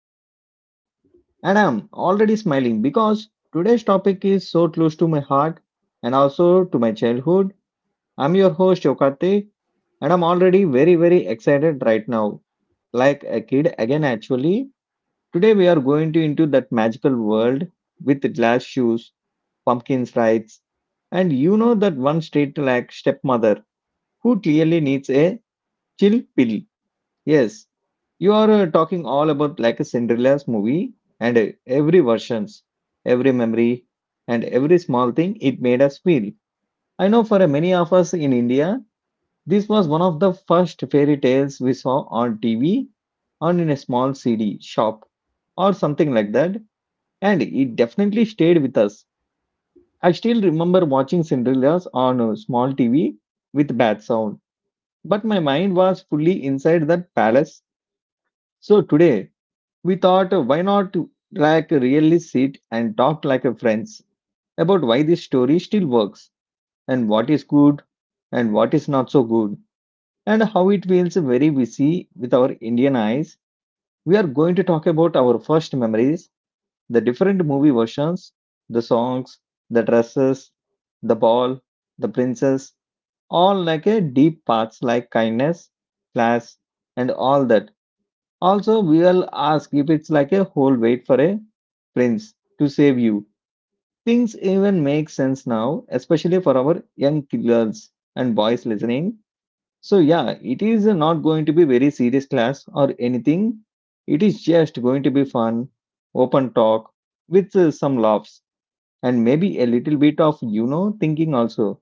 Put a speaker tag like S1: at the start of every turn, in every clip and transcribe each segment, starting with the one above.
S1: Entertainment. And I'm already smiling because today's topic is so close to my heart and also to my childhood. I'm your host Yokate and I'm already very excited right now. Like a kid again actually. Today we are going to into that magical world with glass shoes, pumpkin slides, and you know that one straight like stepmother who clearly needs a chill pill. Yes, you are talking all about like a Cinderella's movie and every versions, every memory, and every small thing it made us feel. I know for many of us in India, this was one of the first fairy tales we saw on TV or in a small CD shop or something like that, and it definitely stayed with us. I still remember watching Cinderella's on a small TV with bad sound, but my mind was fully inside that palace. So today we thought, why not like really sit and talk like a friends about why this story still works and what is good and what is not so good and how it feels very busy with our Indian eyes. We are going to talk about our first memories, the different movie versions, the songs, the dresses, the ball, the princess, all like a deep paths like kindness, class, and all that. Also, we'll ask if it's like a whole wait for a prince to save you. Things even make sense now, especially for our young girls and boys listening. So, yeah, it is not going to be very serious class or anything. It is just going to be fun, open talk with some laughs and maybe a little bit of, you know, thinking also.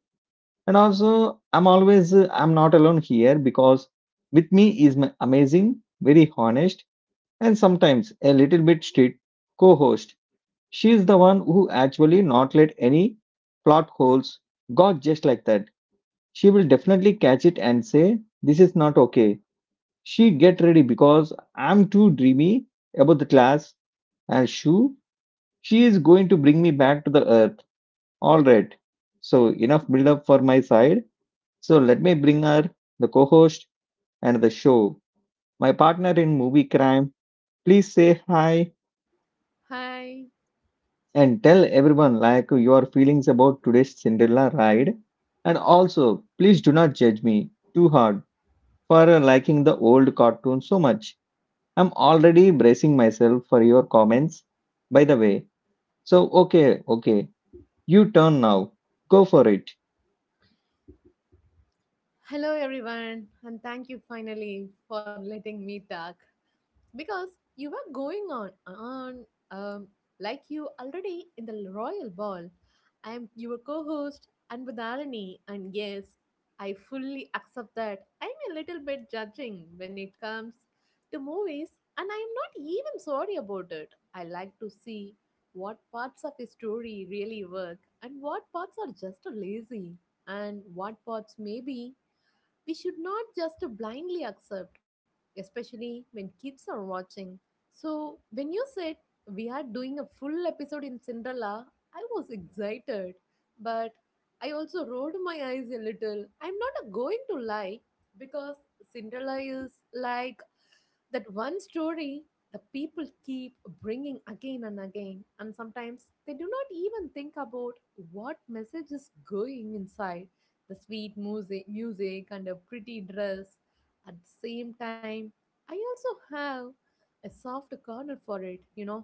S1: And also, I'm not alone here because with me is my amazing, very honest and sometimes a little bit strict co-host. She is the one who actually not let any plot holes go just like that. She will definitely catch it and say, "This is not okay." She get ready because I'm too dreamy about the class and shoo, she is going to bring me back to the earth. All right. So enough build up for my side. So let me bring her, the co-host and the show. My partner in movie crime. Please say hi.
S2: Hi.
S1: And tell everyone like your feelings about today's Cinderella ride. And also, please do not judge me too hard for liking the old cartoon so much. I'm already bracing myself for your comments. By the way, so okay, okay, you turn now. Go for it.
S2: Hello, everyone. And thank you finally for letting me talk, because you were going on um, like you already in the royal ball. I am your co-host Anbudalani, and yes, I fully accept that I'm a little bit judging when it comes to movies, and I'm not even sorry about it. I like to see what parts of a story really work and what parts are just lazy, and what parts maybe we should not just blindly accept, especially when kids are watching. So, when you said we are doing a full episode in Cinderella, I was excited, but I also rolled my eyes a little. I'm not going to lie, because Cinderella is like that one story the people keep bringing again and again, and sometimes they do not even think about what message is going inside the sweet music and a pretty dress. At the same time, I also have a soft corner for it,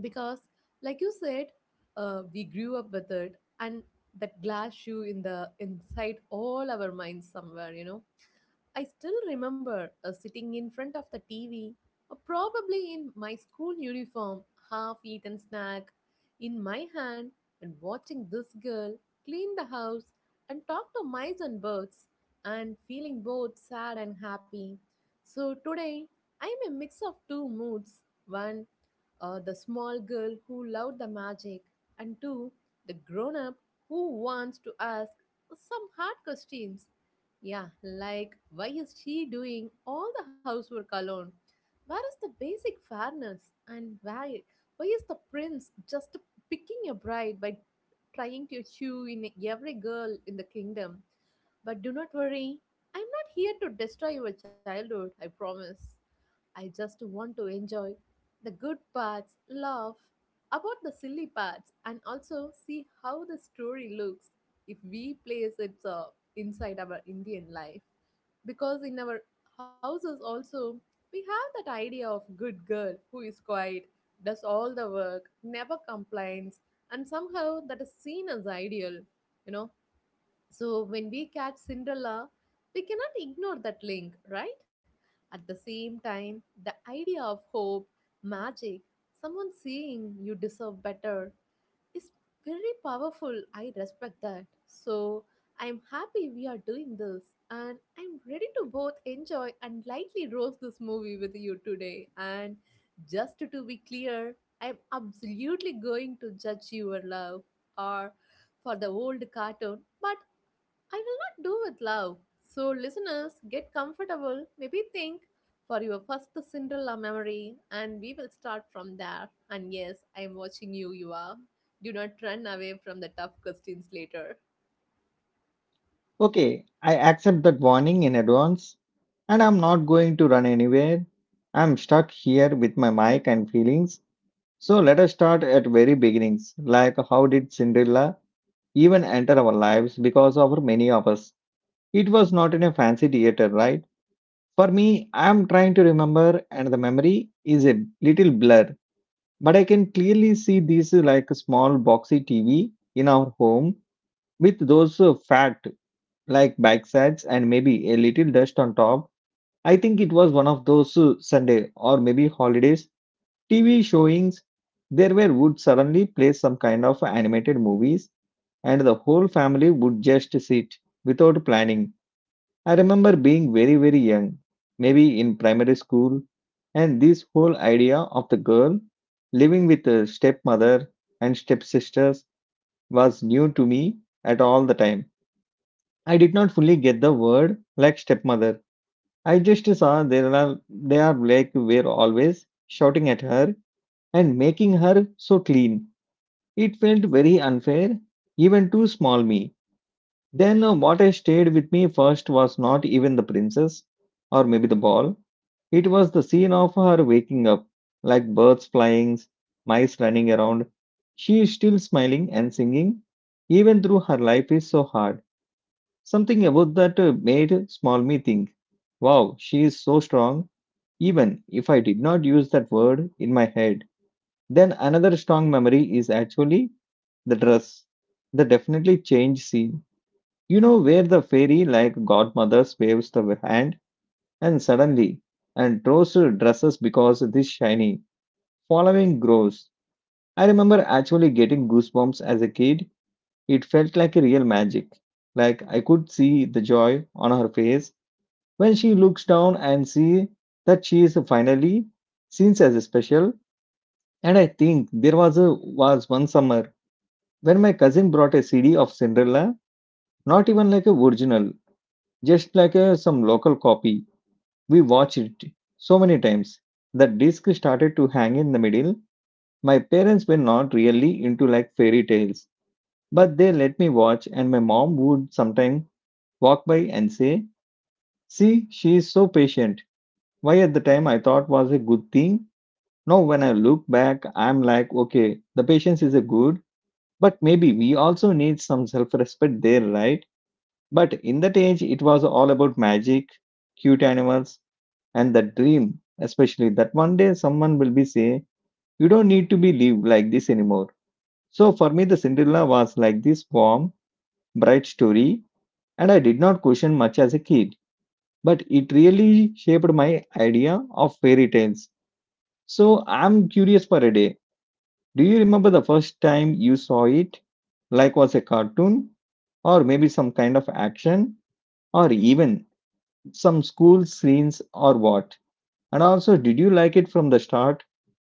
S2: because, like you said, we grew up with it, and that glass shoe in the inside all our minds somewhere, I still remember sitting in front of the TV, probably in my school uniform, half eaten snack in my hand, and watching this girl clean the house and talk to mice and birds, and feeling both sad and happy. So today, I'm a mix of two moods. One, the small girl who loved the magic, and two, the grown up who wants to ask some hard questions. Yeah, like why is she doing all the housework alone? Where is the basic fairness? And why is the prince just picking a bride by trying to chew in every girl in the kingdom? But do not worry, I'm not here to destroy your childhood, I promise. I just want to enjoy the good parts, laugh about the silly parts, and also see how the story looks if we place it inside our Indian life. Because in our houses, also, we have that idea of good girl who is quiet, does all the work, never complains, and somehow that is seen as ideal. You know, so when we catch Cinderella, we cannot ignore that link, right? At the same time, the idea of hope, magic, someone saying you deserve better is very powerful. I respect that. So I'm happy we are doing this, and I'm ready to both enjoy and lightly roast this movie with you today. And just to be clear, I'm absolutely going to judge your love, or for the old cartoon, but I will not do with love. So, listeners, get comfortable. Maybe think for your first Cinderella memory, and we will start from there. And yes, I am watching you, you are. Do not run away from the tough questions later.
S1: Okay, I accept that warning in advance, and I'm not going to run anywhere. I'm stuck here with my mic and feelings. So let us start at very beginnings. Like, how did Cinderella even enter our lives because of many of us. It was not in a fancy theater, right? For me, I am trying to remember, and the memory is a little blur, but I can clearly see this like a small boxy TV in our home with those fat like back sides and maybe a little dust on top. I think it was one of those Sunday or maybe holidays TV showings there were would suddenly play some kind of animated movies and the whole family would just sit without planning. I remember being very, very young, maybe in primary school, and this whole idea of the girl living with a stepmother and stepsisters was new to me at all the time. I did not fully get the word like stepmother. I just saw there are they are like were always shouting at her and making her so clean. It felt very unfair, even to small me. Then what I stayed with me first was not even the princess or maybe the ball. It was the scene of her waking up, like birds flying, mice running around. She is still smiling and singing, even though her life is so hard. Something about that made small me think, wow, she is so strong even if I did not use that word in my head. Then another strong memory is actually the dress. The definitely change scene. You know, where the fairy like godmother waves the hand and suddenly and throws her dresses because this shiny. Following grows. I remember actually getting goosebumps as a kid. It felt like a real magic. Like I could see the joy on her face when she looks down and see that she is finally seen as a special. And I think there was a was one summer when my cousin brought a CD of Cinderella, not even like a original, just like a, some local copy. We watched it so many times. The disc started to hang in the middle. My parents were not really into like fairy tales, but they let me watch, and my mom would sometimes walk by and say, "See, she is so patient." Why at the time I thought was a good thing. Now when I look back, I'm like, okay, the patience is a good. But maybe we also need some self respect there, right? But in that age, it was all about magic, cute animals, and the dream, especially that one day someone will be saying, you don't need to be live like this anymore. So for me, the Cinderella was like this warm, bright story, and I did not question much as a kid. But it really shaped my idea of fairy tales. So I'm curious for a day. Do you remember the first time you saw it? Like was a cartoon or maybe some kind of action or even some school scenes or what? And also did you like it from the start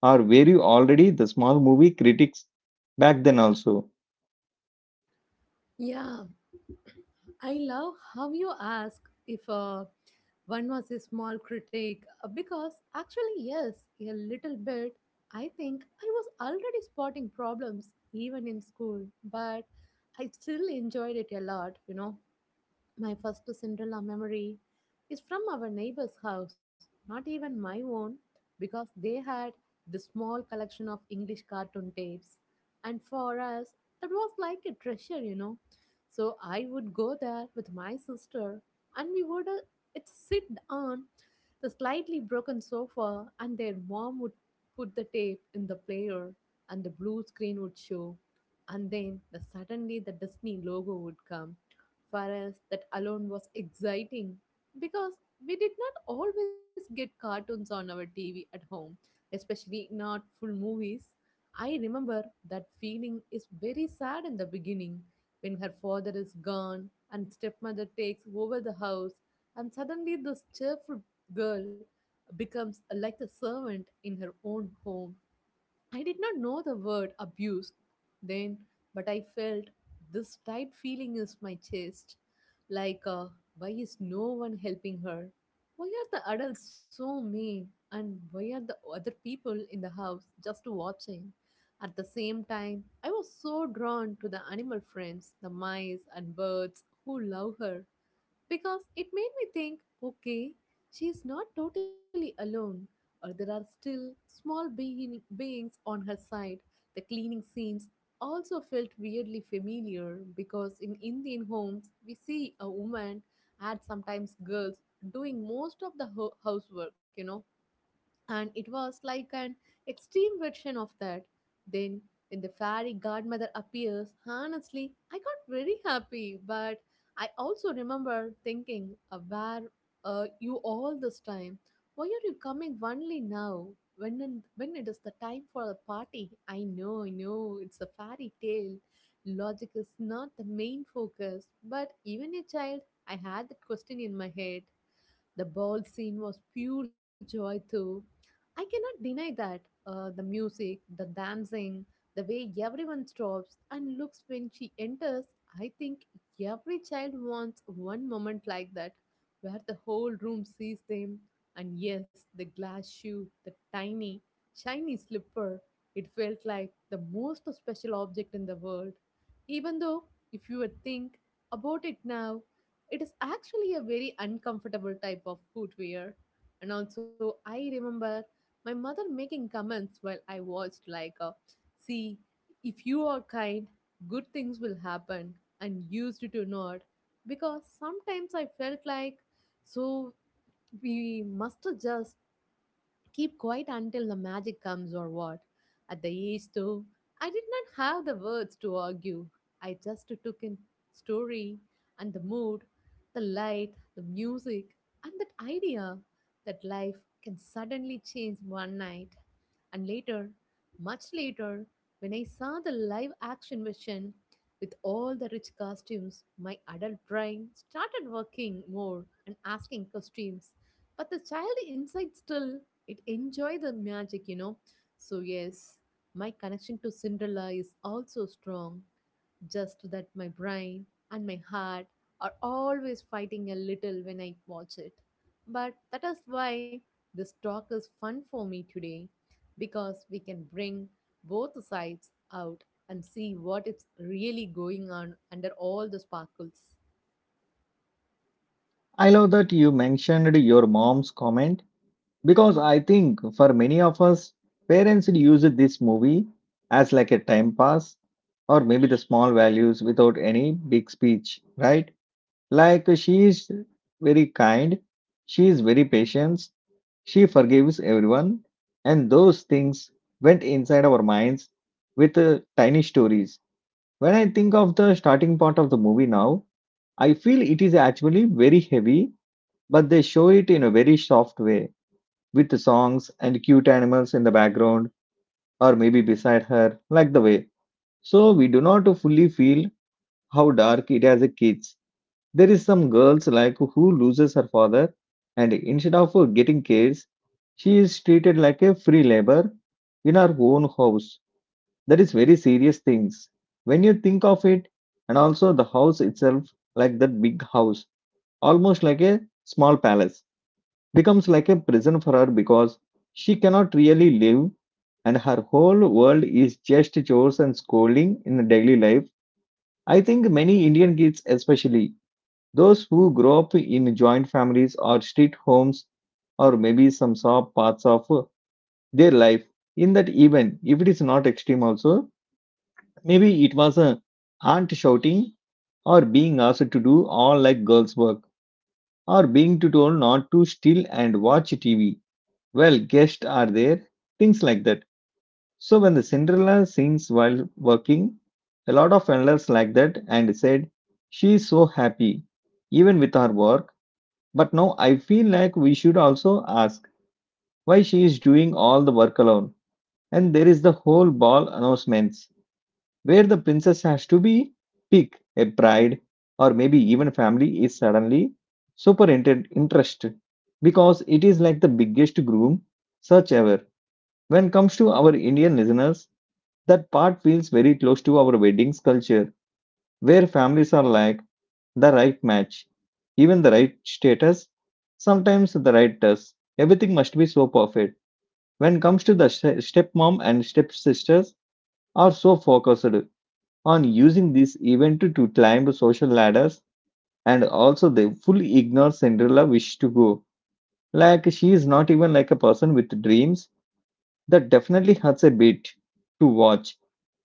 S1: or were you already the small movie critics back then also?
S2: Yeah, I love how you ask if one was a small critic because actually, yes, a little bit. I think I was already spotting problems even in school, but I still enjoyed it a lot, you know. My first Cinderella memory is from our neighbor's house, not even my own, because they had the small collection of English cartoon tapes. And for us, that was like a treasure, you know. So I would go there with my sister, and we would it sit on the slightly broken sofa, and their mom would put the tape in the player, and the blue screen would show, and then suddenly the Disney logo would come. For us, that alone was exciting, because we did not always get cartoons on our TV at home, especially not full movies. I remember that feeling is very sad in the beginning when her father is gone and stepmother takes over the house, and suddenly this cheerful girl becomes like a servant in her own home. I did not know the word abuse then, but I felt this tight feeling in my chest like, why is no one helping her? Why are the adults so mean? And why are the other people in the house just watching? At the same time, I was so drawn to the animal friends, the mice and birds who love her, because it made me think okay, she's not totally alone, or there are still small beings on her side. The cleaning scenes also felt weirdly familiar because in Indian homes we see a woman and sometimes girls doing most of the housework, you know, and it was like an extreme version of that. Then, when the fairy godmother appears, honestly, I got very happy, but I also remember thinking, where you all this time? Why are you coming only now? When it is the time for the party? I know, it's a fairy tale. Logic is not the main focus, but even a child, I had that question in my head. The ball scene was pure joy, too. I cannot deny that. The music, the dancing, the way everyone stops and looks when she enters, I think every child wants one moment like that where the whole room sees them. And yes, the glass shoe, the tiny, shiny slipper, it felt like the most special object in the world. Even though, if you would think about it now, it is actually a very uncomfortable type of footwear. And also, I remember my mother making comments while I watched, like, see, if you are kind, good things will happen, and used to nod. Because sometimes I felt like, so we must just keep quiet until the magic comes or what? At the east, too, I did not have the words to argue. I just took in story and the mood, the light, the music, and that idea that life can suddenly change one night. And later, much later, when I saw the live action version with all the rich costumes, my adult brain started working more and asking questions. But the child inside still it enjoy the magic, you know. So yes, my connection to Cinderella is also strong. Just that my brain and my heart are always fighting a little when I watch it, but that is why this talk is fun for me today, because we can bring both sides out and see what is really going on under all the sparkles.
S1: I love that you mentioned your mom's comment because I think for many of us parents used this movie as like a time pass or maybe the small values without any big speech, right? Like she is very kind, she is very patient, she forgives everyone, and those things went inside our minds with tiny stories. When I think of the starting part of the movie now, I feel it is actually very heavy, but they show it in a very soft way with the songs and cute animals in the background or maybe beside her, like the way. So we do not fully feel how dark it as a kid. There is some girls like who loses her father and instead of getting cares, she is treated like a free labor in her own house. That is very serious things. When you think of it, and also the house itself, like that big house, almost like a small palace, becomes like a prison for her because she cannot really live and her whole world is just chores and scolding in the daily life. I think many Indian kids especially those who grow up in joint families or street homes or maybe some saw parts of their life in that, even if it is not extreme also. Maybe it was a aunt shouting or being asked to do all like girls work or being to told not to steal and watch TV well guests are there, things like that. So when the Cinderella sings while working a lot of elders like that and said she is so happy even with her work. But now I feel like we should also ask why she is doing all the work alone. And there is the whole ball announcements where the princess has to be pick a bride or maybe even family is suddenly super interested because it is like the biggest groom search ever. When it comes to our Indian listeners, that part feels very close to our weddings culture where families are like the right match, even the right status, sometimes the right dress. Everything must be so perfect. When it comes to the stepmom and stepsisters are so focused on using this event to climb social ladders and also they fully ignore Cinderella wish to go. Like she is not even like a person with dreams that definitely hurts a bit to watch,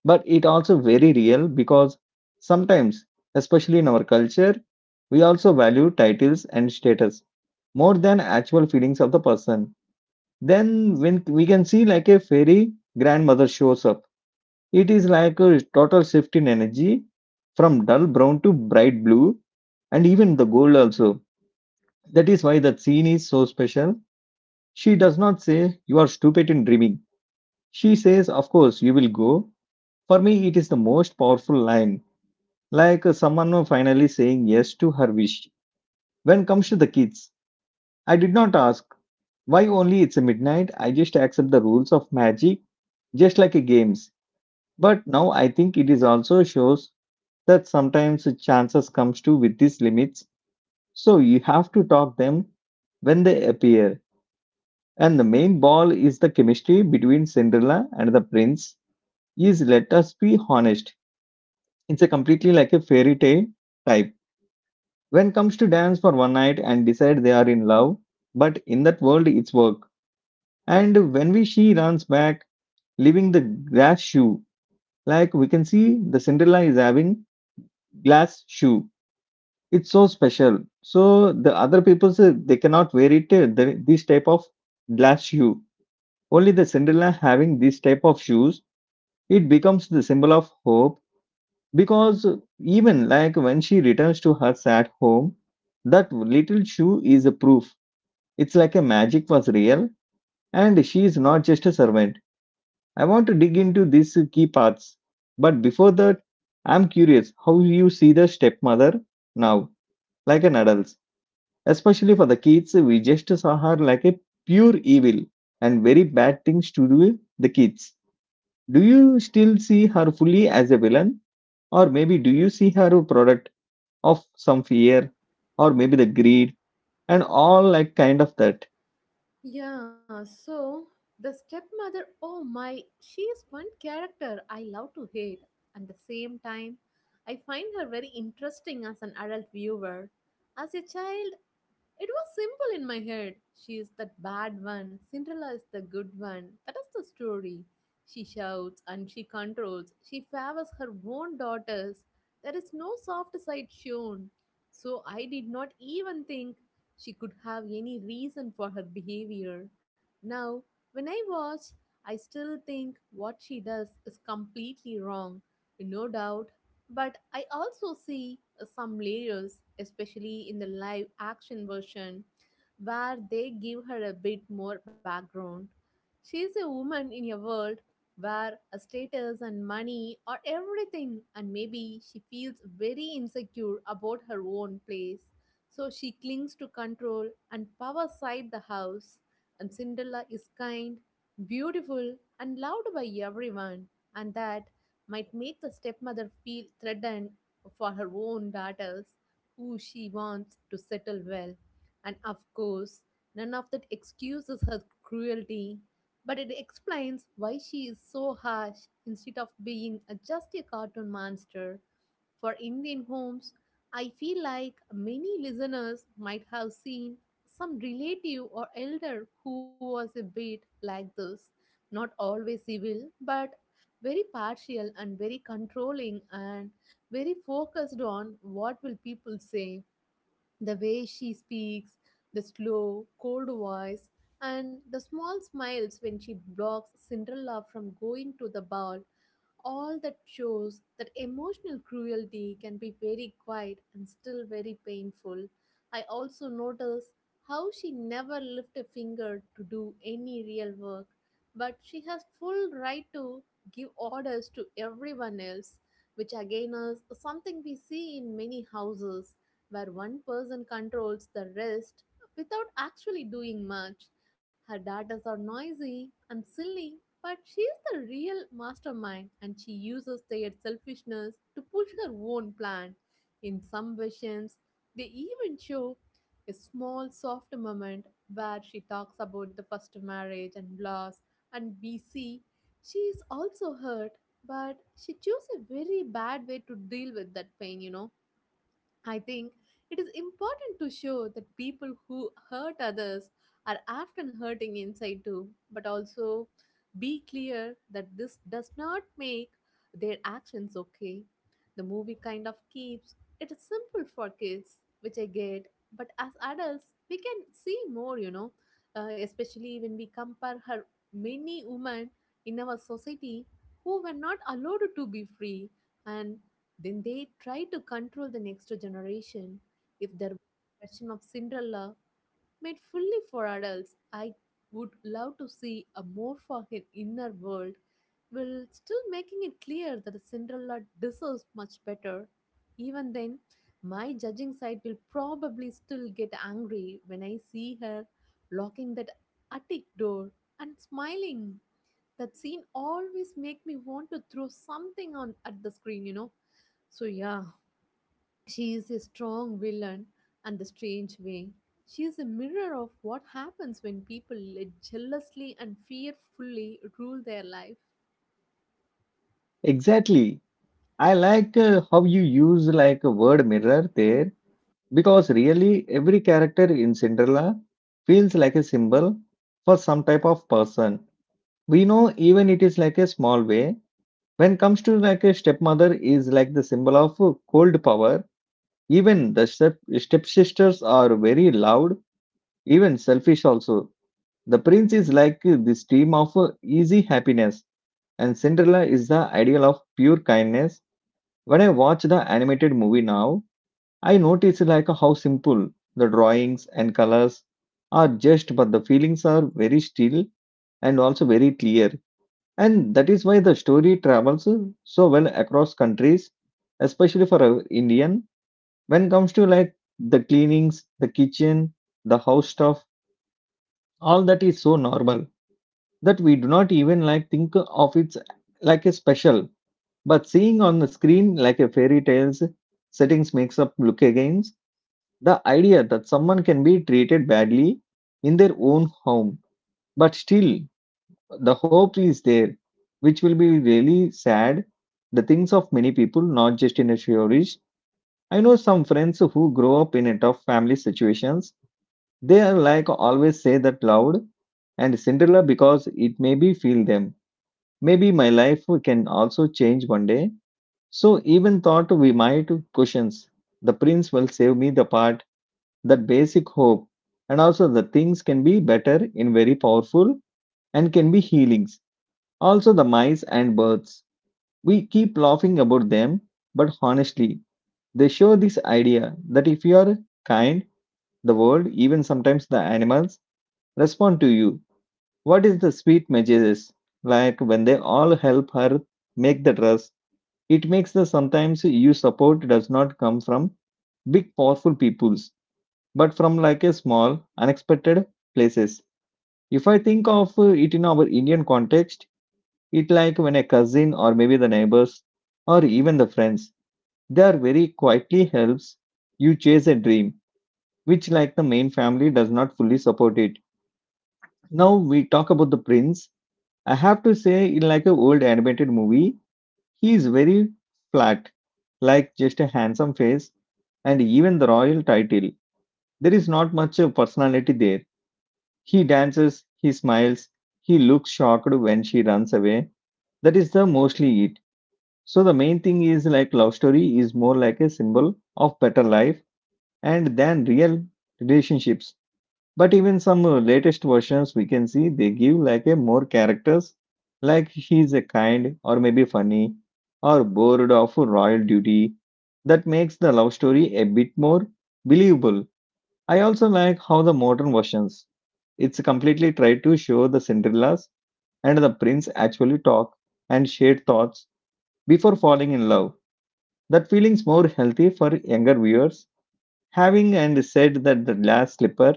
S1: but it also very real because sometimes, especially in our culture, we also value titles and status more than actual feelings of the person. Then when we can see like a fairy grandmother shows up, it is like a total shift in energy from dull brown to bright blue and even the gold also. That is why that scene is so special. She does not say you are stupid in dreaming. She says, "Of course, you will go." For me, it is the most powerful line, like someone finally saying yes to her wish. When comes to the kids, I did not ask why only it's a midnight. I just accept the rules of magic, just like a games. But now I think it is also shows that sometimes chances comes to with these limits. So you have to talk them when they appear. And the main ball is the chemistry between Cinderella and the prince. Is let us be honest. It's a completely like a fairy tale type when comes to dance for one night and decide they are in love, but in that world it's work. And when we she runs back leaving the glass shoe, like we can see the Cinderella is having glass shoe. It's so special, so the other people say they cannot wear it, this type of glass shoe. Only the Cinderella having this type of shoes, it becomes the symbol of hope because even like when she returns to her sad home, that little shoe is a proof. It's like a magic was real, and she is not just a servant. I want to dig into these key parts. But before that, I'm curious how you see the stepmother now, like an adult. Especially for the kids, we just saw her like a pure evil and very bad things to do the kids. Do you still see her fully as a villain? Or maybe do you see her a product of some fear or maybe the greed and all like kind of that?
S2: Yeah, so the stepmother, oh my, she is one character I love to hate. At the same time, I find her very interesting as an adult viewer. As a child, it was simple in my head. She is that bad one. Cinderella is the good one. That is the story. She shouts and she controls. She favors her own daughters. There is no soft side shown. So I did not even think she could have any reason for her behavior. Now, when I watch, I still think what she does is completely wrong. No doubt, but I also see some layers, especially in the live action version, where they give her a bit more background. She is a woman in a world where status and money are everything, and maybe she feels very insecure about her own place. So she clings to control and power side the house. And Cinderella is kind, beautiful, and loved by everyone, and that might make the stepmother feel threatened for her own daughters who she wants to settle well. And of course, none of that excuses her cruelty, but it explains why she is so harsh instead of being just a cartoon monster. For Indian homes, I feel like many listeners might have seen some relative or elder who was a bit like this. Not always evil, but very partial and very controlling and very focused on what will people say. The way she speaks, the slow, cold voice, and the small smiles when she blocks Cinderella from going to the ball, all that shows that emotional cruelty can be very quiet and still very painful. I also notice how she never lifted a finger to do any real work, but she has full right to give orders to everyone else, which again is something we see in many houses where one person controls the rest without actually doing much. Her daughters are noisy and silly, but she is the real mastermind and she uses their selfishness to push her own plan. In some versions, they even show a small soft moment where she talks about the first marriage and loss, and we see she is also hurt, but she chose a very bad way to deal with that pain, you know. I think it is important to show that people who hurt others are often hurting inside too, but also be clear that this does not make their actions okay. The movie kind of keeps it simple for kids, which I get, but as adults, we can see more, especially when we compare her many women in our society who were not allowed to be free and then they try to control the next generation. If their version of Cinderella made fully for adults, I would love to see a more for an inner world, while still making it clear that Cinderella deserves much better. Even then, my judging side will probably still get angry when I see her locking that attic door and smiling, that scene always make me want to throw something on at the screen. So yeah, she is a strong villain and the strange way. She is a mirror of what happens when people let jealously and fearfully rule their life.
S1: Exactly, I like how you use like a word mirror there, because really every character in Cinderella feels like a symbol for some type of person. We know even it is like a small way. When comes to like a stepmother is like the symbol of cold power. Even the step stepsisters are very loud, even selfish also. The prince is like this dream of easy happiness, and Cinderella is the ideal of pure kindness. When I watch the animated movie now, I notice like how simple the drawings and colors are, just but the feelings are very still and also very clear, and that is why the story travels so well across countries, especially for a Indian. When comes to like the cleanings, the kitchen, the house stuff, all that is so normal that we do not even like think of it like a special. But seeing on the screen like a fairy tales settings makes up look again. The idea that someone can be treated badly in their own home, but still the hope is there, which will be really sad. The things of many people, not just in a theorist. I know some friends who grow up in a tough family situations. They are like always say that loud and Cinderella because it maybe feel them. Maybe my life can also change one day. So even thought we might questions. The prince will save me the part, that basic hope and also the things can be better in very powerful and can be healings. Also the mice and birds, we keep laughing about them, but honestly they show this idea that if you are kind, the world even sometimes the animals respond to you. What is the sweet messages like when they all help her make the dress. It makes the sometimes you support does not come from big powerful peoples but from like a small unexpected places. If I think of it in our Indian context, it like when a cousin or maybe the neighbors or even the friends, they are very quietly helps you chase a dream, which like the main family does not fully support it. Now we talk about the prince. I have to say, in like a old animated movie, he is very flat, like just a handsome face, and even the royal title. There is not much personality there. He dances, he smiles, he looks shocked when she runs away. That is the mostly it. So the main thing is like love story is more like a symbol of better life and than real relationships. But even some latest versions we can see they give like a more characters like he's a kind or maybe funny or bored of royal duty. That makes the love story a bit more believable. I also like how the modern versions it's completely tried to show the Cinderellas and the prince actually talk and share thoughts before falling in love. That feeling's more healthy for younger viewers. Having and said that the glass slipper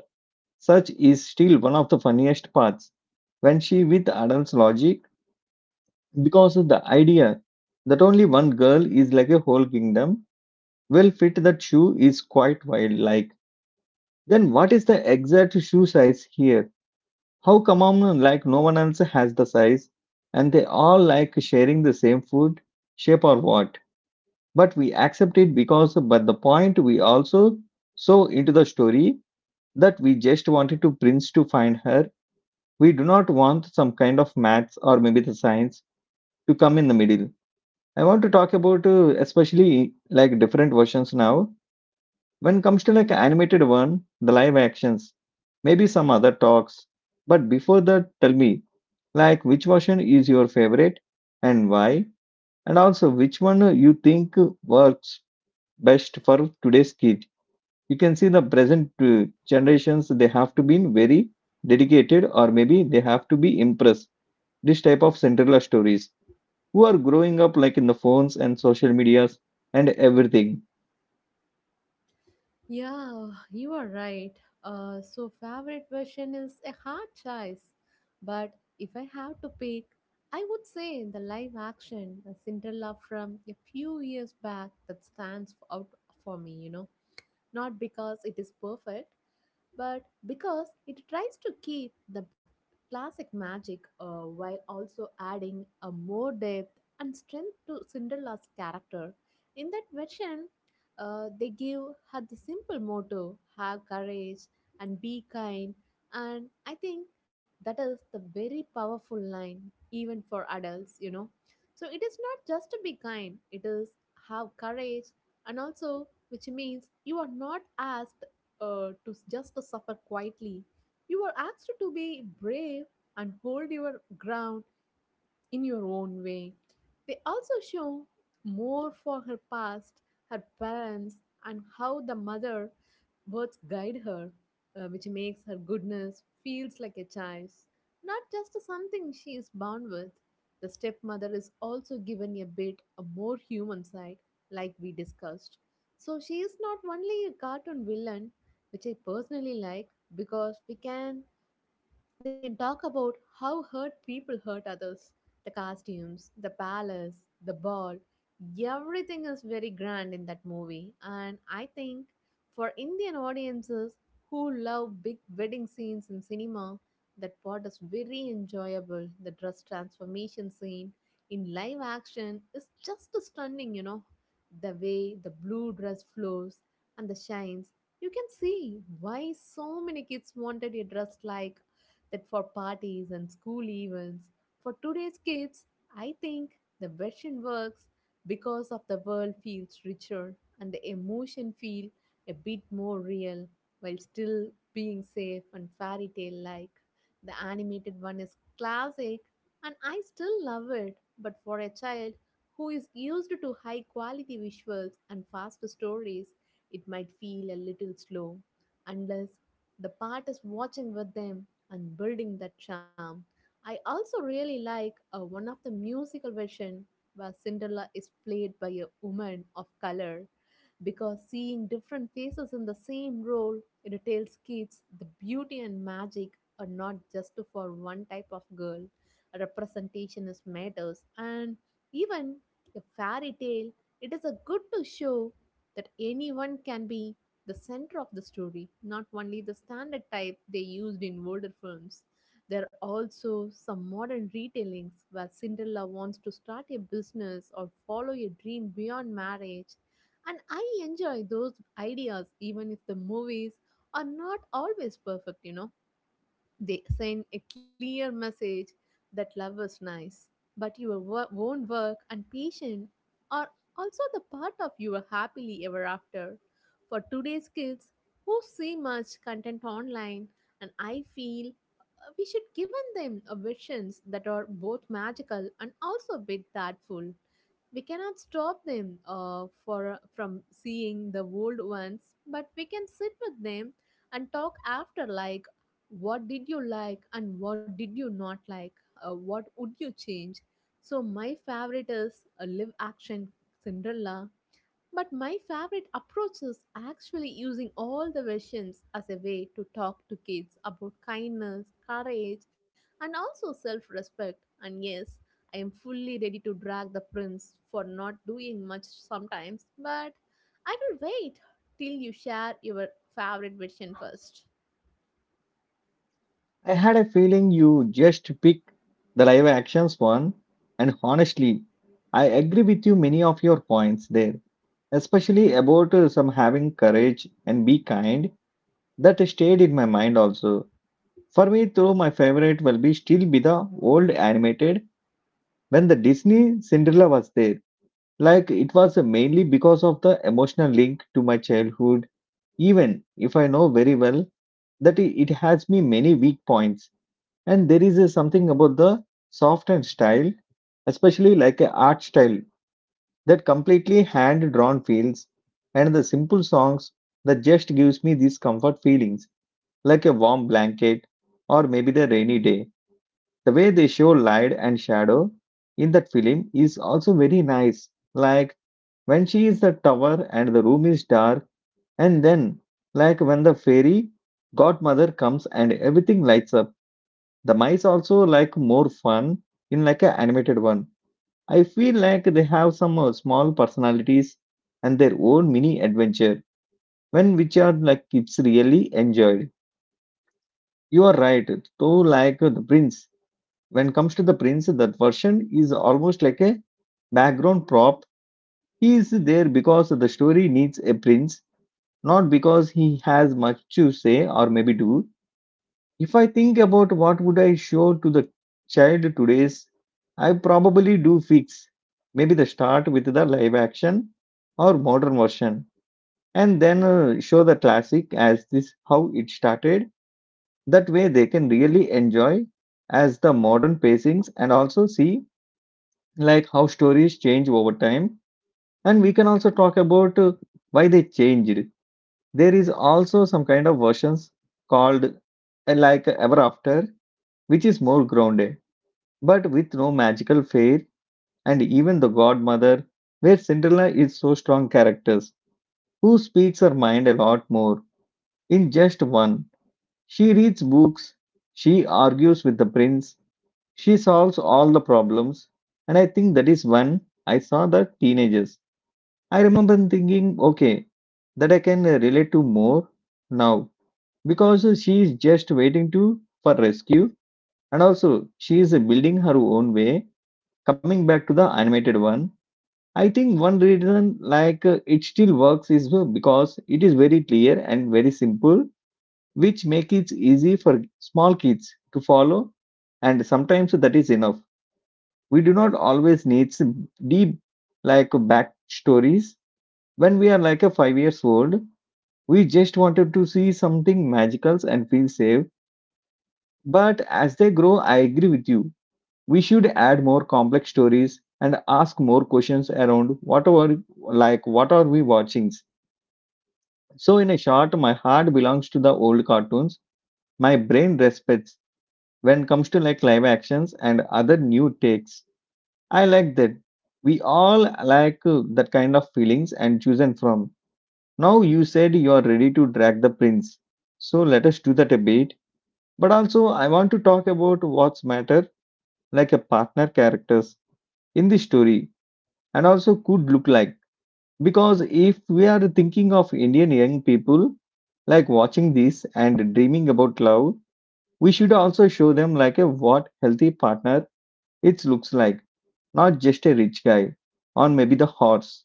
S1: such is still one of the funniest parts when she with adults logic, because of the idea that only one girl is like a whole kingdom will fit that shoe is quite wild. Like then what is the exact shoe size here? How come on, like no one else has the size and they all like sharing the same food, shape or what? But we accept it because but the point we also so into the story that we just wanted to prince to find her. We do not want some kind of maths or maybe the science to come in the middle. I want to talk about especially like different versions now. When it comes to like animated one, the live actions, maybe some other talks. But before that, tell me like which version is your favorite and why? And also which one you think works best for today's kid? You can see the present generations they have to be very dedicated or maybe they have to be impressed. This type of Cinderella stories who are growing up like in the phones and social medias and everything.
S2: Yeah, you are right. So favorite version is a hard choice, but if I have to pick, I would say the live action the Cinderella from a few years back that stands out for me. Not because it is perfect, but because it tries to keep the classic magic while also adding a more depth and strength to Cinderella's character. In that version, they give her the simple motto, have courage and be kind, and I think that is the very powerful line, even for adults. So it is not just to be kind, it is have courage, and also which means you are not asked just to suffer quietly. You are asked to be brave and hold your ground in your own way. They also show more for her past, her parents, and how the mother birds guide her, which makes her goodness feels like a child's, not just something she is born with. The stepmother is also given a bit a more human side, like we discussed. So she is not only a cartoon villain, which I personally like because we can they talk about how hurt people hurt others. The costumes, the palace, the ball, everything is very grand in that movie. And I think for Indian audiences who love big wedding scenes in cinema, that part is very enjoyable. The dress transformation scene in live action is just stunning. The way the blue dress flows and the shines, you can see why so many kids wanted a dress like that for parties and school events. For today's kids, I think the version works because of the world feels richer and the emotion feel a bit more real while still being safe and fairy tale like. The animated one is classic and I still love it, but for a child who is used to high quality visuals and fast stories, it might feel a little slow unless the part is watching with them and building that charm. I also really like one of the musical version where Cinderella is played by a woman of color, because seeing different faces in the same role it tells kids the beauty and magic are not just for one type of girl. A representation is matters and even a fairy tale it is a good to show that anyone can be the center of the story, not only the standard type they used in older films. There are also some modern retellings where Cinderella wants to start a business or follow a dream beyond marriage. And I enjoy those ideas even if the movies are not always perfect. They send a clear message that love is nice, but your own work and patience are also the part of your happily ever after. For today's kids who see much content online, and I feel we should give them a visions that are both magical and also a bit thoughtful. We cannot stop them for from seeing the old ones, but we can sit with them and talk after, like what did you like and what did you not like, what would you change? So my favorite is a live action Cinderella, but my favorite approach is actually using all the versions as a way to talk to kids about kindness, courage, and also self-respect. And yes, I am fully ready to drag the prince for not doing much sometimes, but I will wait till you share your favorite version first.
S1: I had a feeling you just picked the live actions one, and honestly I agree with you many of your points there, especially about some having courage and be kind that stayed in my mind also. For me though, my favorite will be still be the old animated when the Disney Cinderella was there, like it was mainly because of the emotional link to my childhood, even if I know very well that it has me many weak points. And there is something about the soft and style, especially like a art style that completely hand drawn feels, and the simple songs that just gives me these comfort feelings like a warm blanket or maybe the rainy day. The way they show light and shadow in that film is also very nice, like when she is the tower and the room is dark, and then like when the fairy godmother comes and everything lights up. The mice also like more fun in like a animated one. I feel like they have some small personalities and their own mini adventure, when which are like kids really enjoyed. You are right, though. Like the prince, when comes to the prince, that version is almost like a background prop. He is there because the story needs a prince, not because he has much to say or maybe do. If I think about what would I show to the child today's, I probably do fix. Maybe the start with the live action or modern version, and then show the classic as this how it started. That way they can really enjoy as the modern pacings and also see like how stories change over time, and we can also talk about why they changed. There is also some kind of versions called like ever after, which is more grounded but with no magical fair and even the godmother, where Cinderella is so strong characters who speaks her mind a lot more. In just one, she reads books, she argues with the prince, she solves all the problems. And I think that is when I saw the teenagers, I remember thinking, okay, that I can relate to more now, because she is just waiting to for rescue, and also she is building her own way. Coming back to the animated one, I think one reason like it still works is because it is very clear and very simple, which make it easy for small kids to follow. And sometimes that is enough. We do not always need some deep like backstories. When we are like a 5 years old, we just wanted to see something magical and feel safe. But as they grow, I agree with you. We should add more complex stories and ask more questions around what are like what are we watching. So in a short, my heart belongs to the old cartoons. My brain respects when comes to like live actions and other new takes. I like that. We all like that kind of feelings and chosen from. Now you said you are ready to drag the prince. So let us do that a bit. But also I want to talk about what's matter, like a partner characters in the story and also could look like. Because if we are thinking of Indian young people like watching this and dreaming about love, we should also show them like a what healthy partner it looks like, not just a rich guy or maybe the horse.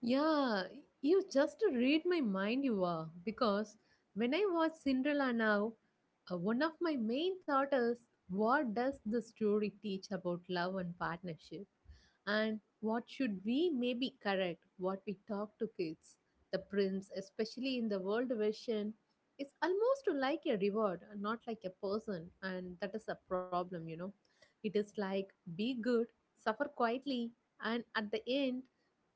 S2: Yeah, you just read my mind, you are. Because when I watch Cinderella now, one of my main thought is, what does the story teach about love and partnership? And what should we maybe correct what we talk to kids? The prince, especially in the world version, is almost like a reward, not like a person. And that is a problem, you know. It is like be good, suffer quietly, and at the end,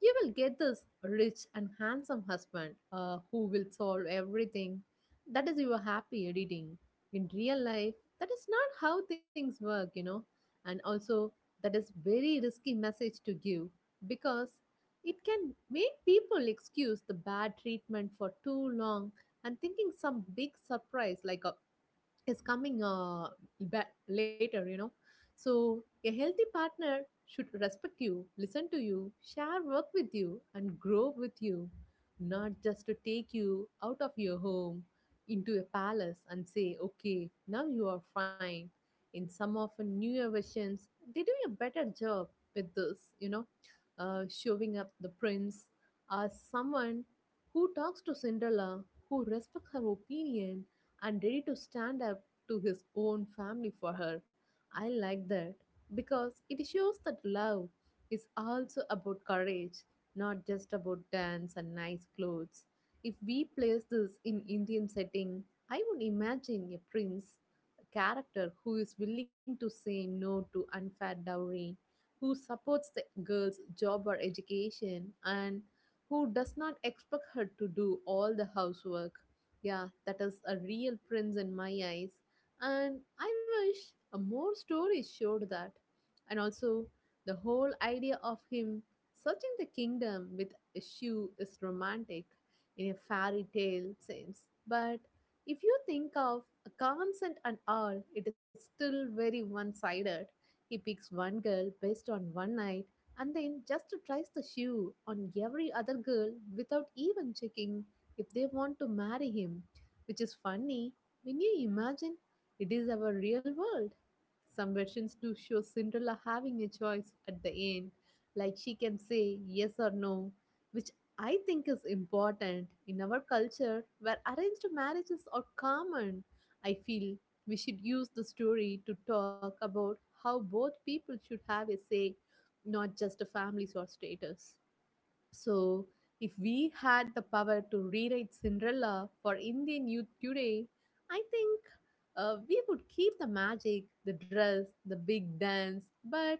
S2: you will get this rich and handsome husband who will solve everything. That is your happy editing. In real life, that is not how things work, you know. And also, that is very risky message to give because it can make people excuse the bad treatment for too long and thinking some big surprise like a is coming later, you know. So, a healthy partner should respect you, listen to you, share work with you, and grow with you, not just to take you out of your home into a palace and say, okay, now you are fine. In some of the newer versions, they do a better job with this, showing up the prince as someone who talks to Cinderella, who respects her opinion, and ready to stand up to his own family for her. I like that because it shows that love is also about courage, not just about dance and nice clothes. If we place this in Indian setting, I would imagine a prince, a character who is willing to say no to unfair dowry, who supports the girl's job or education, and who does not expect her to do all the housework. Yeah, that is a real prince in my eyes. And I wish more stories showed that. And also, the whole idea of him searching the kingdom with a shoe is romantic in a fairy tale sense, but if you think of a consent and all, it is still very one-sided. He picks one girl based on one night and then just tries the shoe on every other girl without even checking if they want to marry him, which is funny when you imagine it is our real world. Some versions do show Cinderella having a choice at the end, like she can say yes or no, which I think is important. In our culture, where arranged marriages are common, I feel we should use the story to talk about how both people should have a say, not just a family's or status. So, if we had the power to rewrite Cinderella for Indian youth today, I think we would keep the magic, the dress, the big dance, but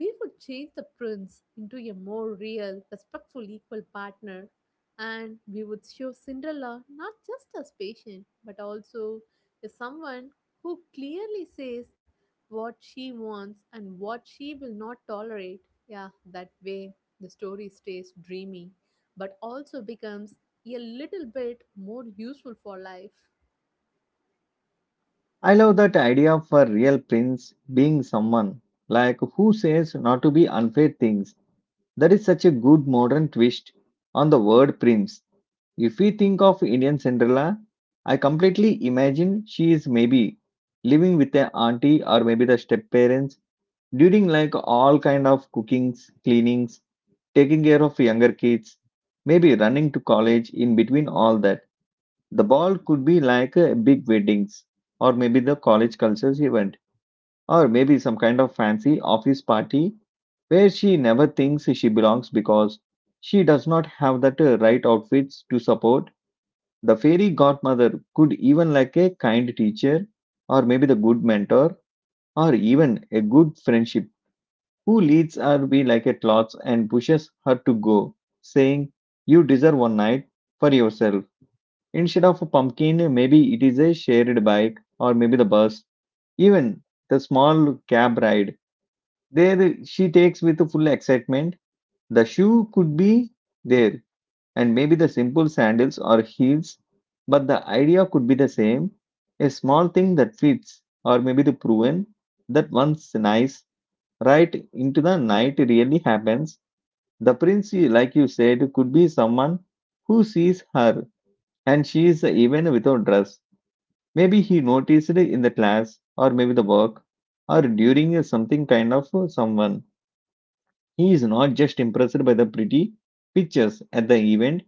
S2: we would change the prince into a more real, respectful equal partner, and we would show Cinderella not just as patient, but also as someone who clearly says what she wants and what she will not tolerate. Yeah, that way the story stays dreamy, but also becomes a little bit more useful for life.
S1: I love that idea of a real prince being someone like who says not to be unfair things. That is such a good modern twist on the word prince. If we think of Indian Cinderella, I completely imagine she is maybe living with a auntie or maybe the step parents during like all kind of cookings, cleanings, taking care of younger kids, maybe running to college in between all that. The ball could be like a big weddings or maybe the college cultures event or maybe some kind of fancy office party where she never thinks she belongs because she does not have that right outfits to support the fairy godmother could even like a kind teacher, or maybe the good mentor, or even a good friendship who leads her be like a cloth and pushes her to go, saying, "You deserve one night for yourself." Instead of a pumpkin, maybe it is a shared bike or maybe the bus, even the small cab ride. There she takes with full excitement. The shoe could be there and maybe the simple sandals or heels, but the idea could be the same, a small thing that fits, or maybe the proven that once nice, right into the night really happens. The prince, like you said, could be someone who sees her and she is even without dress. Maybe he noticed in the class, or maybe the work, or during something kind of someone. He is not just impressed by the pretty pictures at the event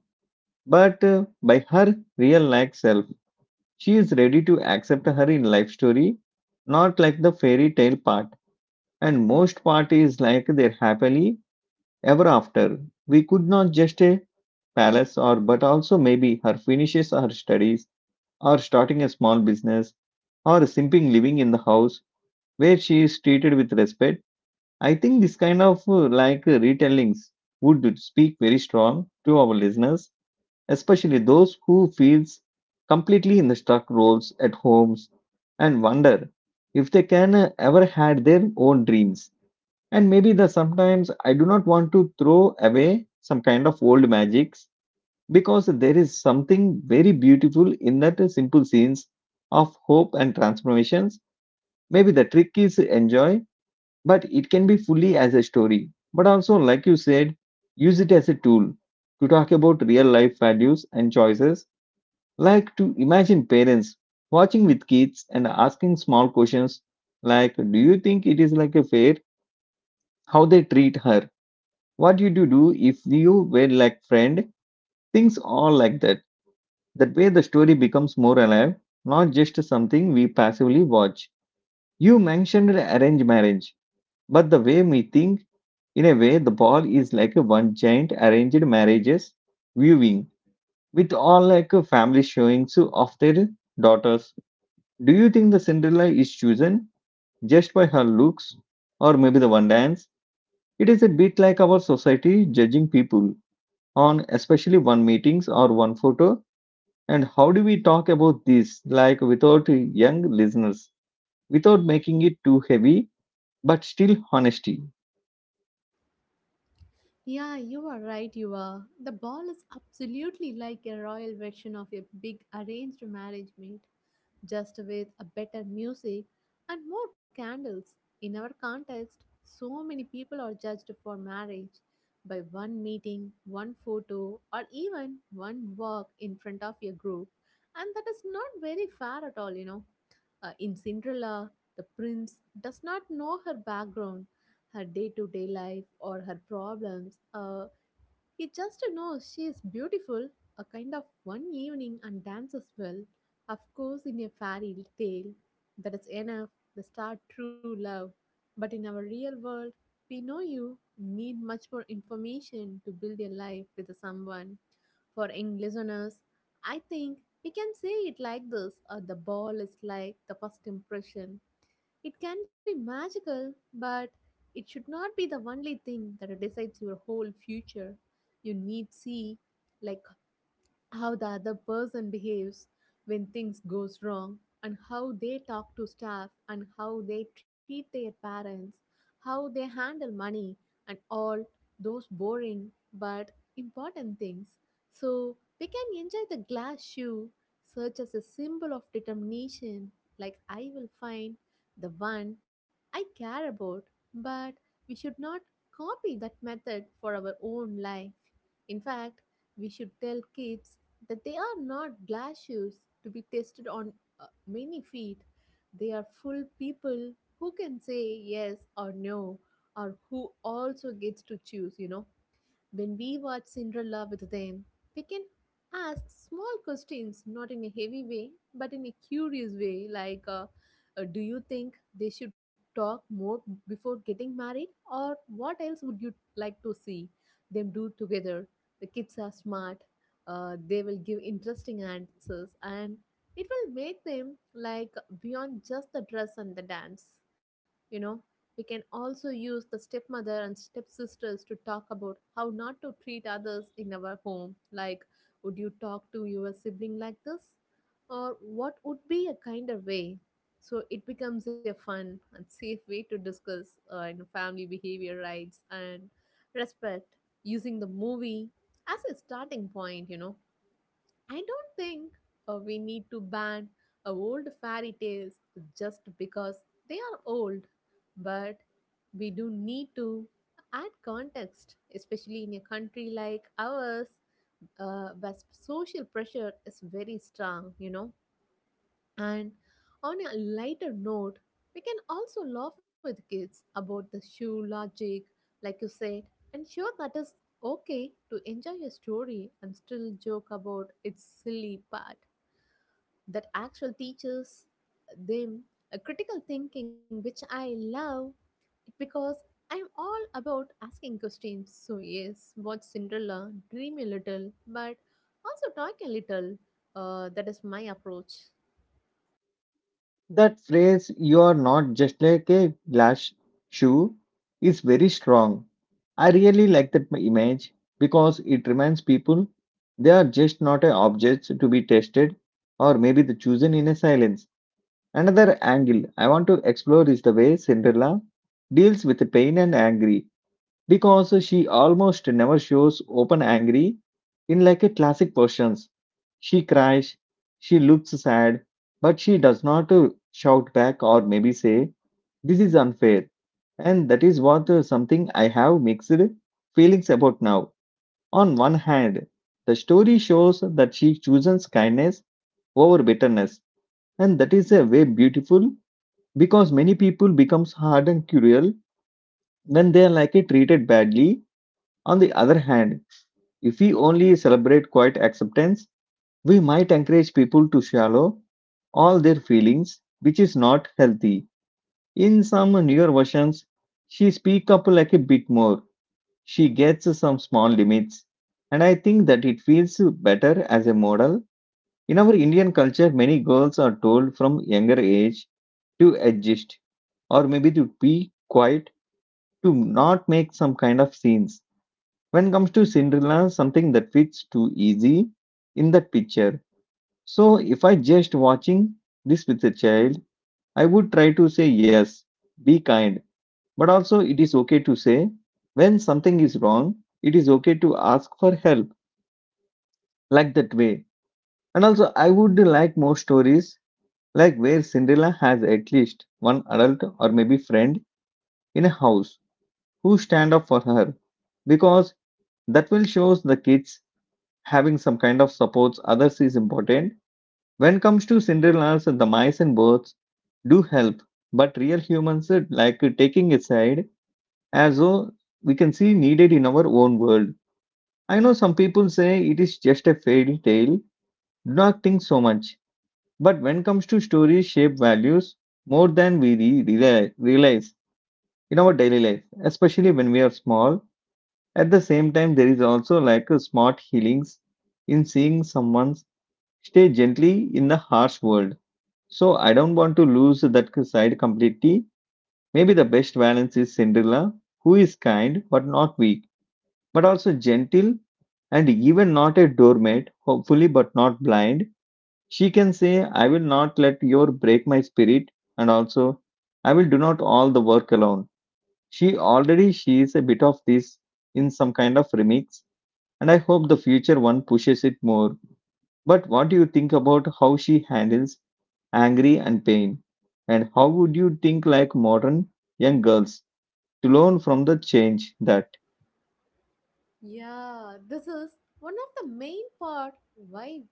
S1: but by her real life self, she is ready to accept her in life story, not like the fairy tale part. And most part is like their happily ever after. We could not just a palace or but also maybe her finishes her studies or starting a small business or simping living in the house where she is treated with respect. I think this kind of retellings would speak very strong to our listeners, especially those who feels completely in the stuck roles at homes and wonder if they can ever had their own dreams. And maybe the sometimes I do not want to throw away some kind of old magics because there is something very beautiful in that simple scenes of hope and transformations. Maybe the trick is enjoy, but it can be fully as a story. But also, like you said, use it as a tool to talk about real life values and choices, like to imagine parents watching with kids and asking small questions like, do you think it is like a fair how they treat her? What would you do if you were like friend? Things all like that. That way the story becomes more alive, not just something we passively watch. You mentioned arranged marriage, but the way we think, in a way, the ball is like a one giant arranged marriages viewing with all like a family showings of their daughters. Do you think the Cinderella is chosen just by her looks or maybe the one dance? It is a bit like our society judging people on especially one meetings or one photo. And how do we talk about this like without young listeners, without making it too heavy, but still honesty?
S2: Yeah, you are right, you are. The ball is absolutely like a royal version of a big arranged marriage meet, just with a better music and more candles. In our context, so many people are judged for marriage by one meeting, one photo, or even one walk in front of a group, and that is not very fair at all, you know. In Cinderella, the prince does not know her background, her day to day life, or her problems. He just knows she is beautiful, a kind of one evening, and dances well. Of course, in a fairy tale, that is enough, the star true love. But in our real world, we know you need much more information to build a life with someone. For young listeners, I think we can say it like this, or the ball is like the first impression. It can be magical, but it should not be the only thing that decides your whole future. You need see like how the other person behaves when things goes wrong, and how they talk to staff, and how they treat their parents, how they handle money, and all those boring but important things. So we can enjoy the glass shoe such as a symbol of determination, like I will find the one I care about, but we should not copy that method for our own life. In fact, we should tell kids that they are not glass shoes to be tested on many feet. They are full people who can say yes or no, or who also gets to choose, you know. When we watch Cinderella with them, we can ask small questions, not in a heavy way, but in a curious way, like do you think they should talk more before getting married? Or what else would you like to see them do together? The kids are smart, they will give interesting answers, and it will make them like beyond just the dress and the dance, you know. We can also use the stepmother and stepsisters to talk about how not to treat others in our home. Like, would you talk to your sibling like this? Or what would be a kinder way? So it becomes a fun and safe way to discuss family behavior rights and respect using the movie as a starting point, you know. I don't think we need to ban old fairy tales just because they are old, but we do need to add context, especially in a country like ours, where social pressure is very strong, you know. And on a lighter note, we can also laugh with kids about the shoe logic, like you said, and sure that is okay to enjoy a story and still joke about its silly part that actually teaches them a critical thinking, which I love because I'm all about asking questions. So, yes, watch Cinderella, dream a little, but also talk a little. That is my approach.
S1: That phrase, you are not just like a glass shoe, is very strong. I really like that image because it reminds people they are just not a objects to be tested or maybe the chosen in a silence. Another angle I want to explore is the way Cinderella deals with the pain and angry, because she almost never shows open angry in like a classic persons. She cries, she looks sad, but she does not shout back or maybe say this is unfair. And that is what something I have mixed feelings about now. On one hand, the story shows that she chooses kindness over bitterness, and that is a way beautiful because many people becomes hard and cruel when they are treated badly. On the other hand, if we only celebrate quiet acceptance, we might encourage people to shallow all their feelings, which is not healthy. In some newer versions, she speak up like a bit more. She gets some small limits. And I think that it feels better as a model. In our Indian culture, many girls are told from younger age to adjust or maybe to be quiet, to not make some kind of scenes. When it comes to Cinderella, something that fits too easy in that picture. So if I just watching this with a child, I would try to say yes, be kind, but also it is okay to say when something is wrong, it is okay to ask for help, like that way. And also I would like more stories like where Cinderella has at least one adult or maybe friend in a house who stand up for her, because that will shows the kids having some kind of supports others is important. When comes to Cinderella's, the mice and birds do help, but real humans taking a side as though we can see needed in our own world. I know some people say it is just a fairy tale, do not think so much. But when comes to stories shape values more than we realize in our daily life, especially when we are small. At the same time, there is also like a smart healings in seeing someone's stay gently in the harsh world. So I don't want to lose that side completely. Maybe the best balance is Cinderella, who is kind but not weak, but also gentle and even not a doormat, hopefully but not blind. She can say, I will not let your break my spirit, and also I will do not all the work alone. She is a bit of this in some kind of remix, and I hope the future one pushes it more. But what do you think about how she handles angry and pain? And how would you think like modern young girls to learn from the change that
S2: Yeah, this is one of the main part why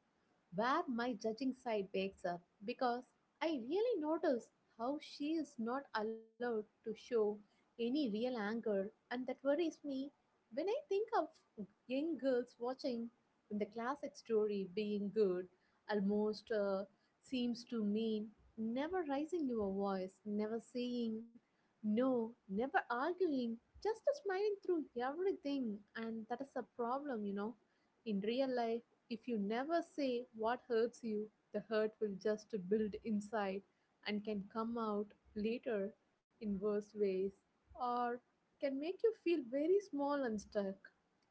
S2: where my judging side wakes up because I really notice how she is not allowed to show any real anger, and that worries me when I think of young girls watching the classic story being good almost seems to mean never raising your voice, never saying no, never arguing, just smiling through everything, and that is a problem, you know. In real life, if you never say what hurts you, the hurt will just build inside and can come out later in worse ways or can make you feel very small and stuck.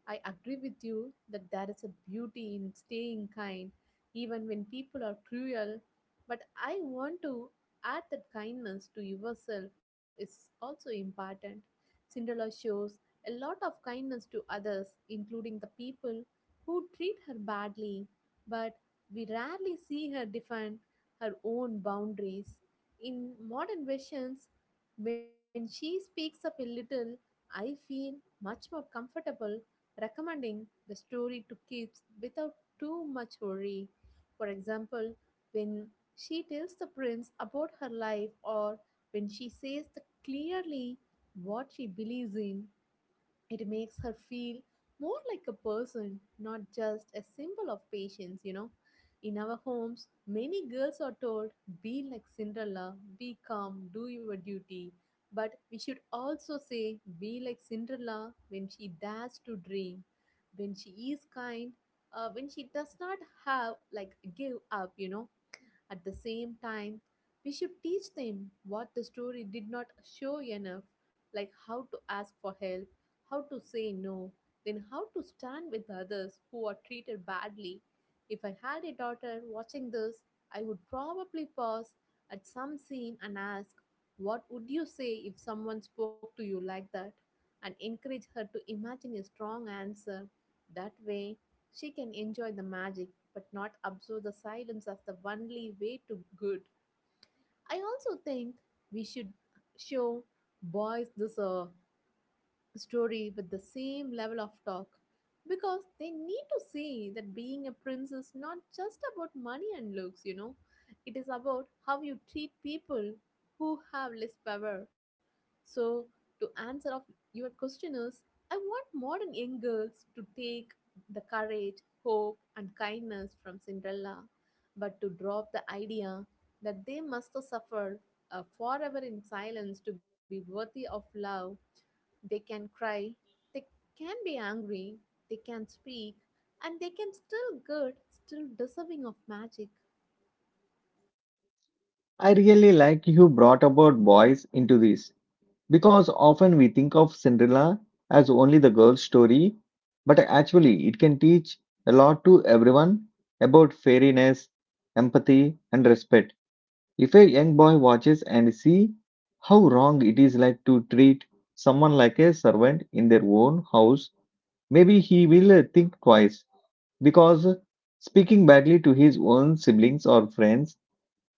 S2: I agree with you that there is a beauty in staying kind even when people are cruel, but I want to add that kindness to yourself is also important. Cinderella shows a lot of kindness to others, including the people who treat her badly, but we rarely see her defend her own boundaries. In modern versions, when she speaks up a little, I feel much more comfortable recommending the story to kids without too much worry. For example, when she tells the prince about her life or when she says the clearly what she believes in, it makes her feel more like a person, not just a symbol of patience, you know. In our homes, many girls are told, be like Cinderella, be calm, do your duty. But we should also say, be like Cinderella when she dares to dream, when she is kind, when she does not have, like, give up, you know at the same time, we should teach them what the story did not show enough, like how to ask for help, how to say no, then how to stand with others who are treated badly. If I had a daughter watching this, I would probably pause at some scene and ask, what would you say if someone spoke to you like that? And encourage her to imagine a strong answer. That way, she can enjoy the magic but not absorb the silence as the only way to good. I also think we should show boys this story with the same level of talk because they need to see that being a prince is not just about money and looks, you know, it is about how you treat people who have less power. So, to answer of your question is, I want modern young girls to take the courage, hope, and kindness from Cinderella, but to drop the idea that they must suffer forever in silence to be worthy of love they can cry, they can be angry, they can speak, and they can still good, still deserving of magic.
S1: I really like you brought about boys into this, because often we think of Cinderella as only the girl's story, but actually it can teach a lot to everyone about fairiness, empathy, and respect. If a young boy watches and see how wrong it is like to treat someone like a servant in their own house, maybe he will think twice because speaking badly to his own siblings or friends,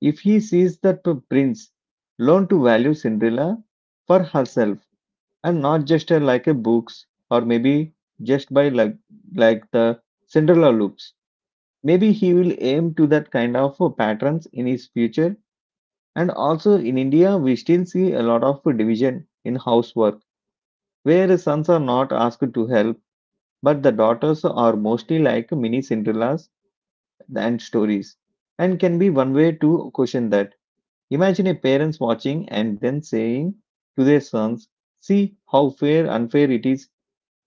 S1: if he sees that prince learn to value Cinderella for herself and not just like a books or maybe just by like the Cinderella looks, maybe he will aim to that kind of patterns in his future. And also in India, we still see a lot of division in housework, where sons are not asked to help, but the daughters are mostly like mini Cinderellas and stories, and can be one way to question that. Imagine a parents watching and then saying to their sons, "See how fair unfair it is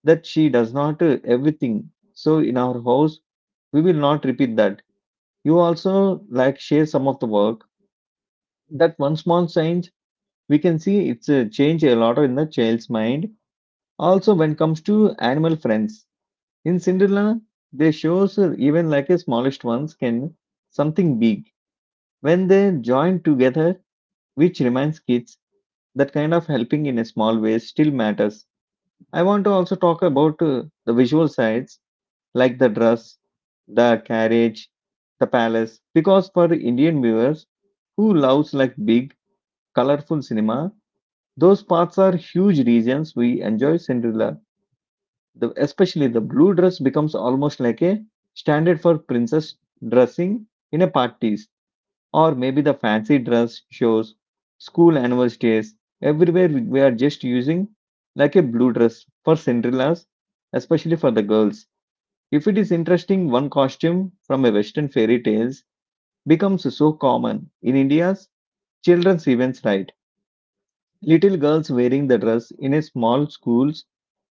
S1: that she does not everything. So in our house, we will not repeat that. You also like share some of the work." That one small change we can see it's changed a lot in the child's mind. Also, when it comes to animal friends, in Cinderella, they shows even like a smallest ones can something big when they join together, which reminds kids that kind of helping in a small way still matters. I want to also talk about the visual sides like the dress, the carriage, the palace, because for Indian viewers who loves like big, colorful cinema, those parts are huge reasons we enjoy Cinderella. The, especially the blue dress becomes almost like a standard for princess dressing in a parties or maybe the fancy dress shows, school anniversaries. Everywhere we are just using like a blue dress for Cinderella's, especially for the girls. If it is interesting, one costume from a Western fairy tales becomes so common in India's children's events, right? Little girls wearing the dress in a small schools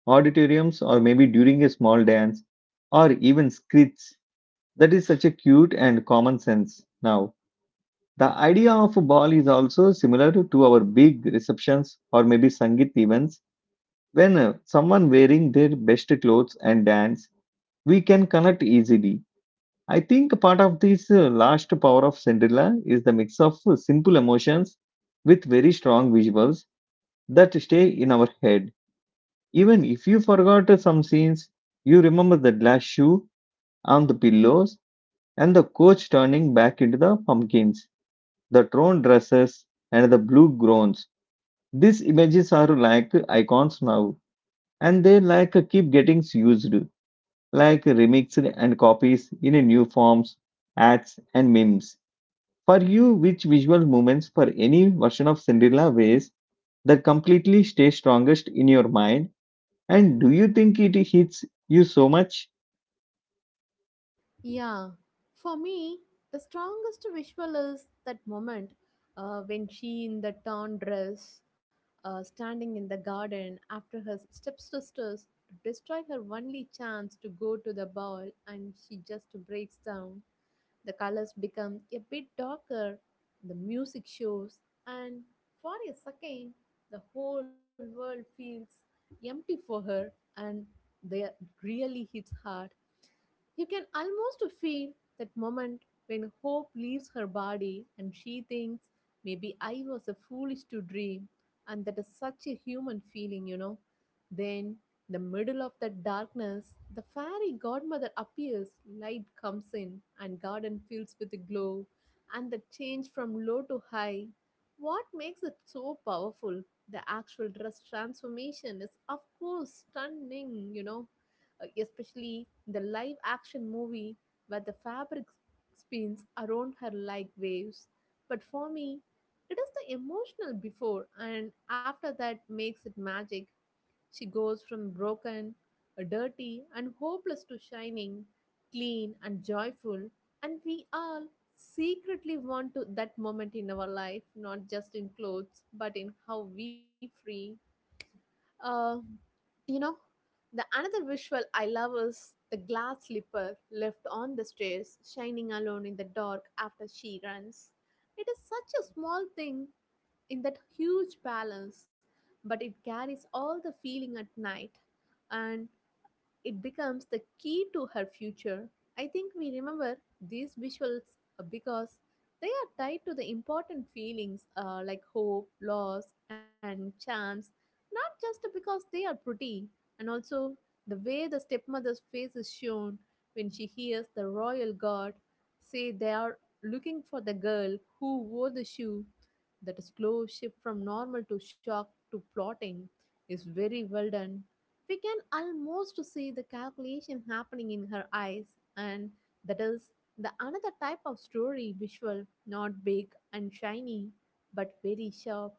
S1: auditoriums, or maybe during a small dance, or even skits. That is such a cute and common sense now. The idea of a ball is also similar to our big receptions or maybe Sangit events. When someone wearing their best clothes and dance, we can connect easily. I think part of this last power of Cinderella is the mix of simple emotions with very strong visuals that stay in our head. Even if you forgot some scenes, you remember the glass shoe on the pillows and the coach turning back into the pumpkins, the torn dresses and the blue groans. These images are like icons now and they like keep getting used, like remixed and copies in new forms, ads and memes. For you, which visual moments for any version of Cinderella ways that completely stay strongest in your mind? And do you think it hits you so much?
S2: Yeah, for me, the strongest visual is that moment when she in the torn dress, standing in the garden after her stepsisters destroy her only chance to go to the ball, and she just breaks down. The colors become a bit darker, the music shows, and for a second, the whole world feels empty for her and that really hits hard. You can almost feel that moment when hope leaves her body and she thinks, maybe I was a foolish to dream, and that is such a human feeling, you know. Then, the middle of that darkness, the fairy godmother appears, light comes in, and garden fills with a glow, and the change from low to high. What makes it so powerful? The actual dress transformation is, of course, stunning, you know, especially in the live action movie where the fabric spins around her like waves. But for me, it is the emotional before and after that makes it magic. She goes from broken, dirty, and hopeless to shining, clean, and joyful. And we all secretly want to that moment in our life, not just in clothes, but in how we free. Uh, you know, the another visual I love is the glass slipper left on the stairs, shining alone in the dark after she runs. It is such a small thing in that huge palace, but it carries all the feeling at night. And it becomes the key to her future. I think we remember these visuals because they are tied to the important feelings like hope, loss, and chance, not just because they are pretty, and also the way the stepmother's face is shown when she hears the royal guard say they are looking for the girl who wore the shoe. That slow shift from normal to shock to plotting is very well done we can almost see the calculation happening in her eyes, and that is the another type of story visual, not big and shiny, but very sharp.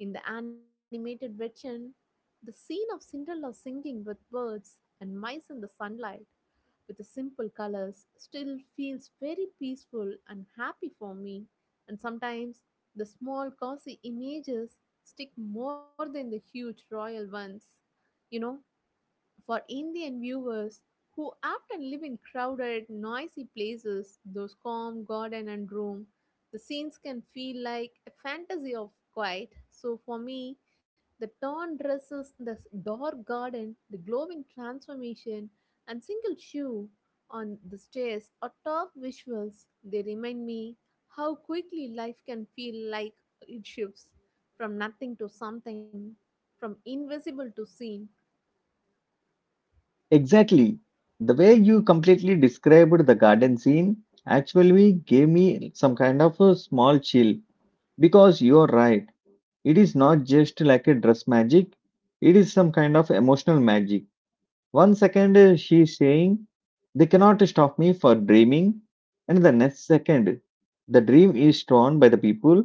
S2: In the animated version, the scene of Cinderella singing with birds and mice in the sunlight with the simple colors still feels very peaceful and happy for me. And sometimes the small cozy images stick more than the huge royal ones. You know, for Indian viewers who often live in crowded, noisy places, those calm garden and room, the scenes can feel like a fantasy of quiet. So for me, the torn dresses, the s- dark garden, the glowing transformation, and single shoe on the stairs are top visuals. They remind me how quickly life can feel like it shifts from nothing to something, from invisible to seen.
S1: Exactly. The way you completely described the garden scene actually gave me some kind of a small chill because you're right. It is not just like a dress magic, it is some kind of emotional magic. One second she's saying, "They cannot stop me for dreaming," and the next second, the dream is torn by the people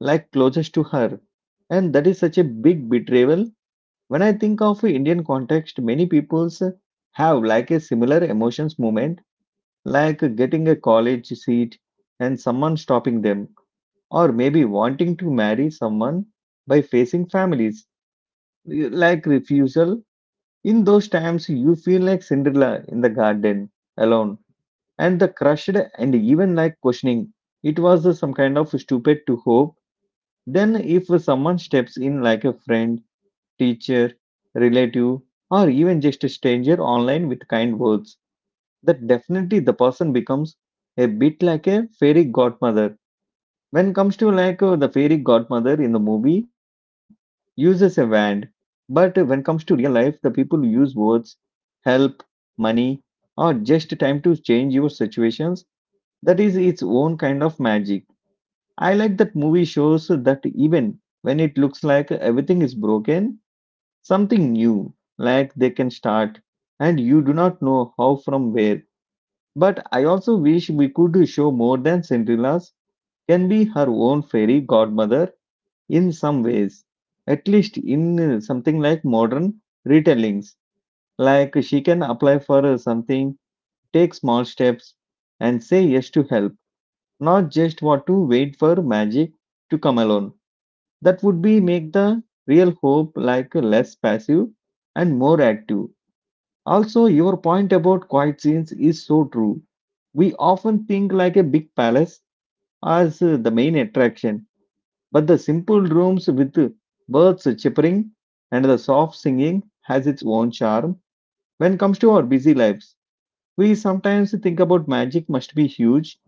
S1: like closest to her. And that is such a big betrayal. When I think of Indian context, many peoples have like a similar emotions moment, like getting a college seat and someone stopping them, or maybe wanting to marry someone by facing families, like refusal. In those times, you feel like Cinderella in the garden alone, and the crushed and even like questioning. It was some kind of stupid to hope. Then, if someone steps in like a friend, teacher, relative, or even just a stranger online with kind words, that definitely the person becomes a bit like a fairy godmother. When comes to the fairy godmother in the movie, uses a wand, but when comes to real life, the people use words, help, money, or just time to change your situations. That is its own kind of magic. I like that movie shows that even when it looks like everything is broken, something new like they can start and you do not know how from where. But I also wish we could show more than Cinderella's can be her own fairy godmother in some ways, at least in something like modern retellings, like she can apply for something, take small steps and say yes to help, not just what to wait for magic to come alone. That would be make the real hope like less passive and more active. Also, your point about quiet scenes is so true. We often think like a big palace as the main attraction, but the simple rooms with birds chirping and the soft singing has its own charm. When it comes to our busy lives, we sometimes think about magic must be huge,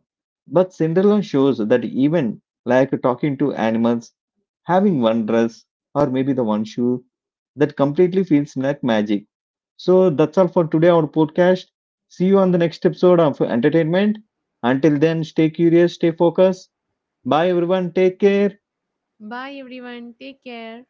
S1: but Cinderella shows that even like talking to animals, having one dress or maybe the one shoe, that completely feels like magic. So that's all for today, our podcast. See you on the next episode of Entertainment. Until then, stay curious, stay focused. Bye, everyone. Take care.
S2: Bye everyone. Take care.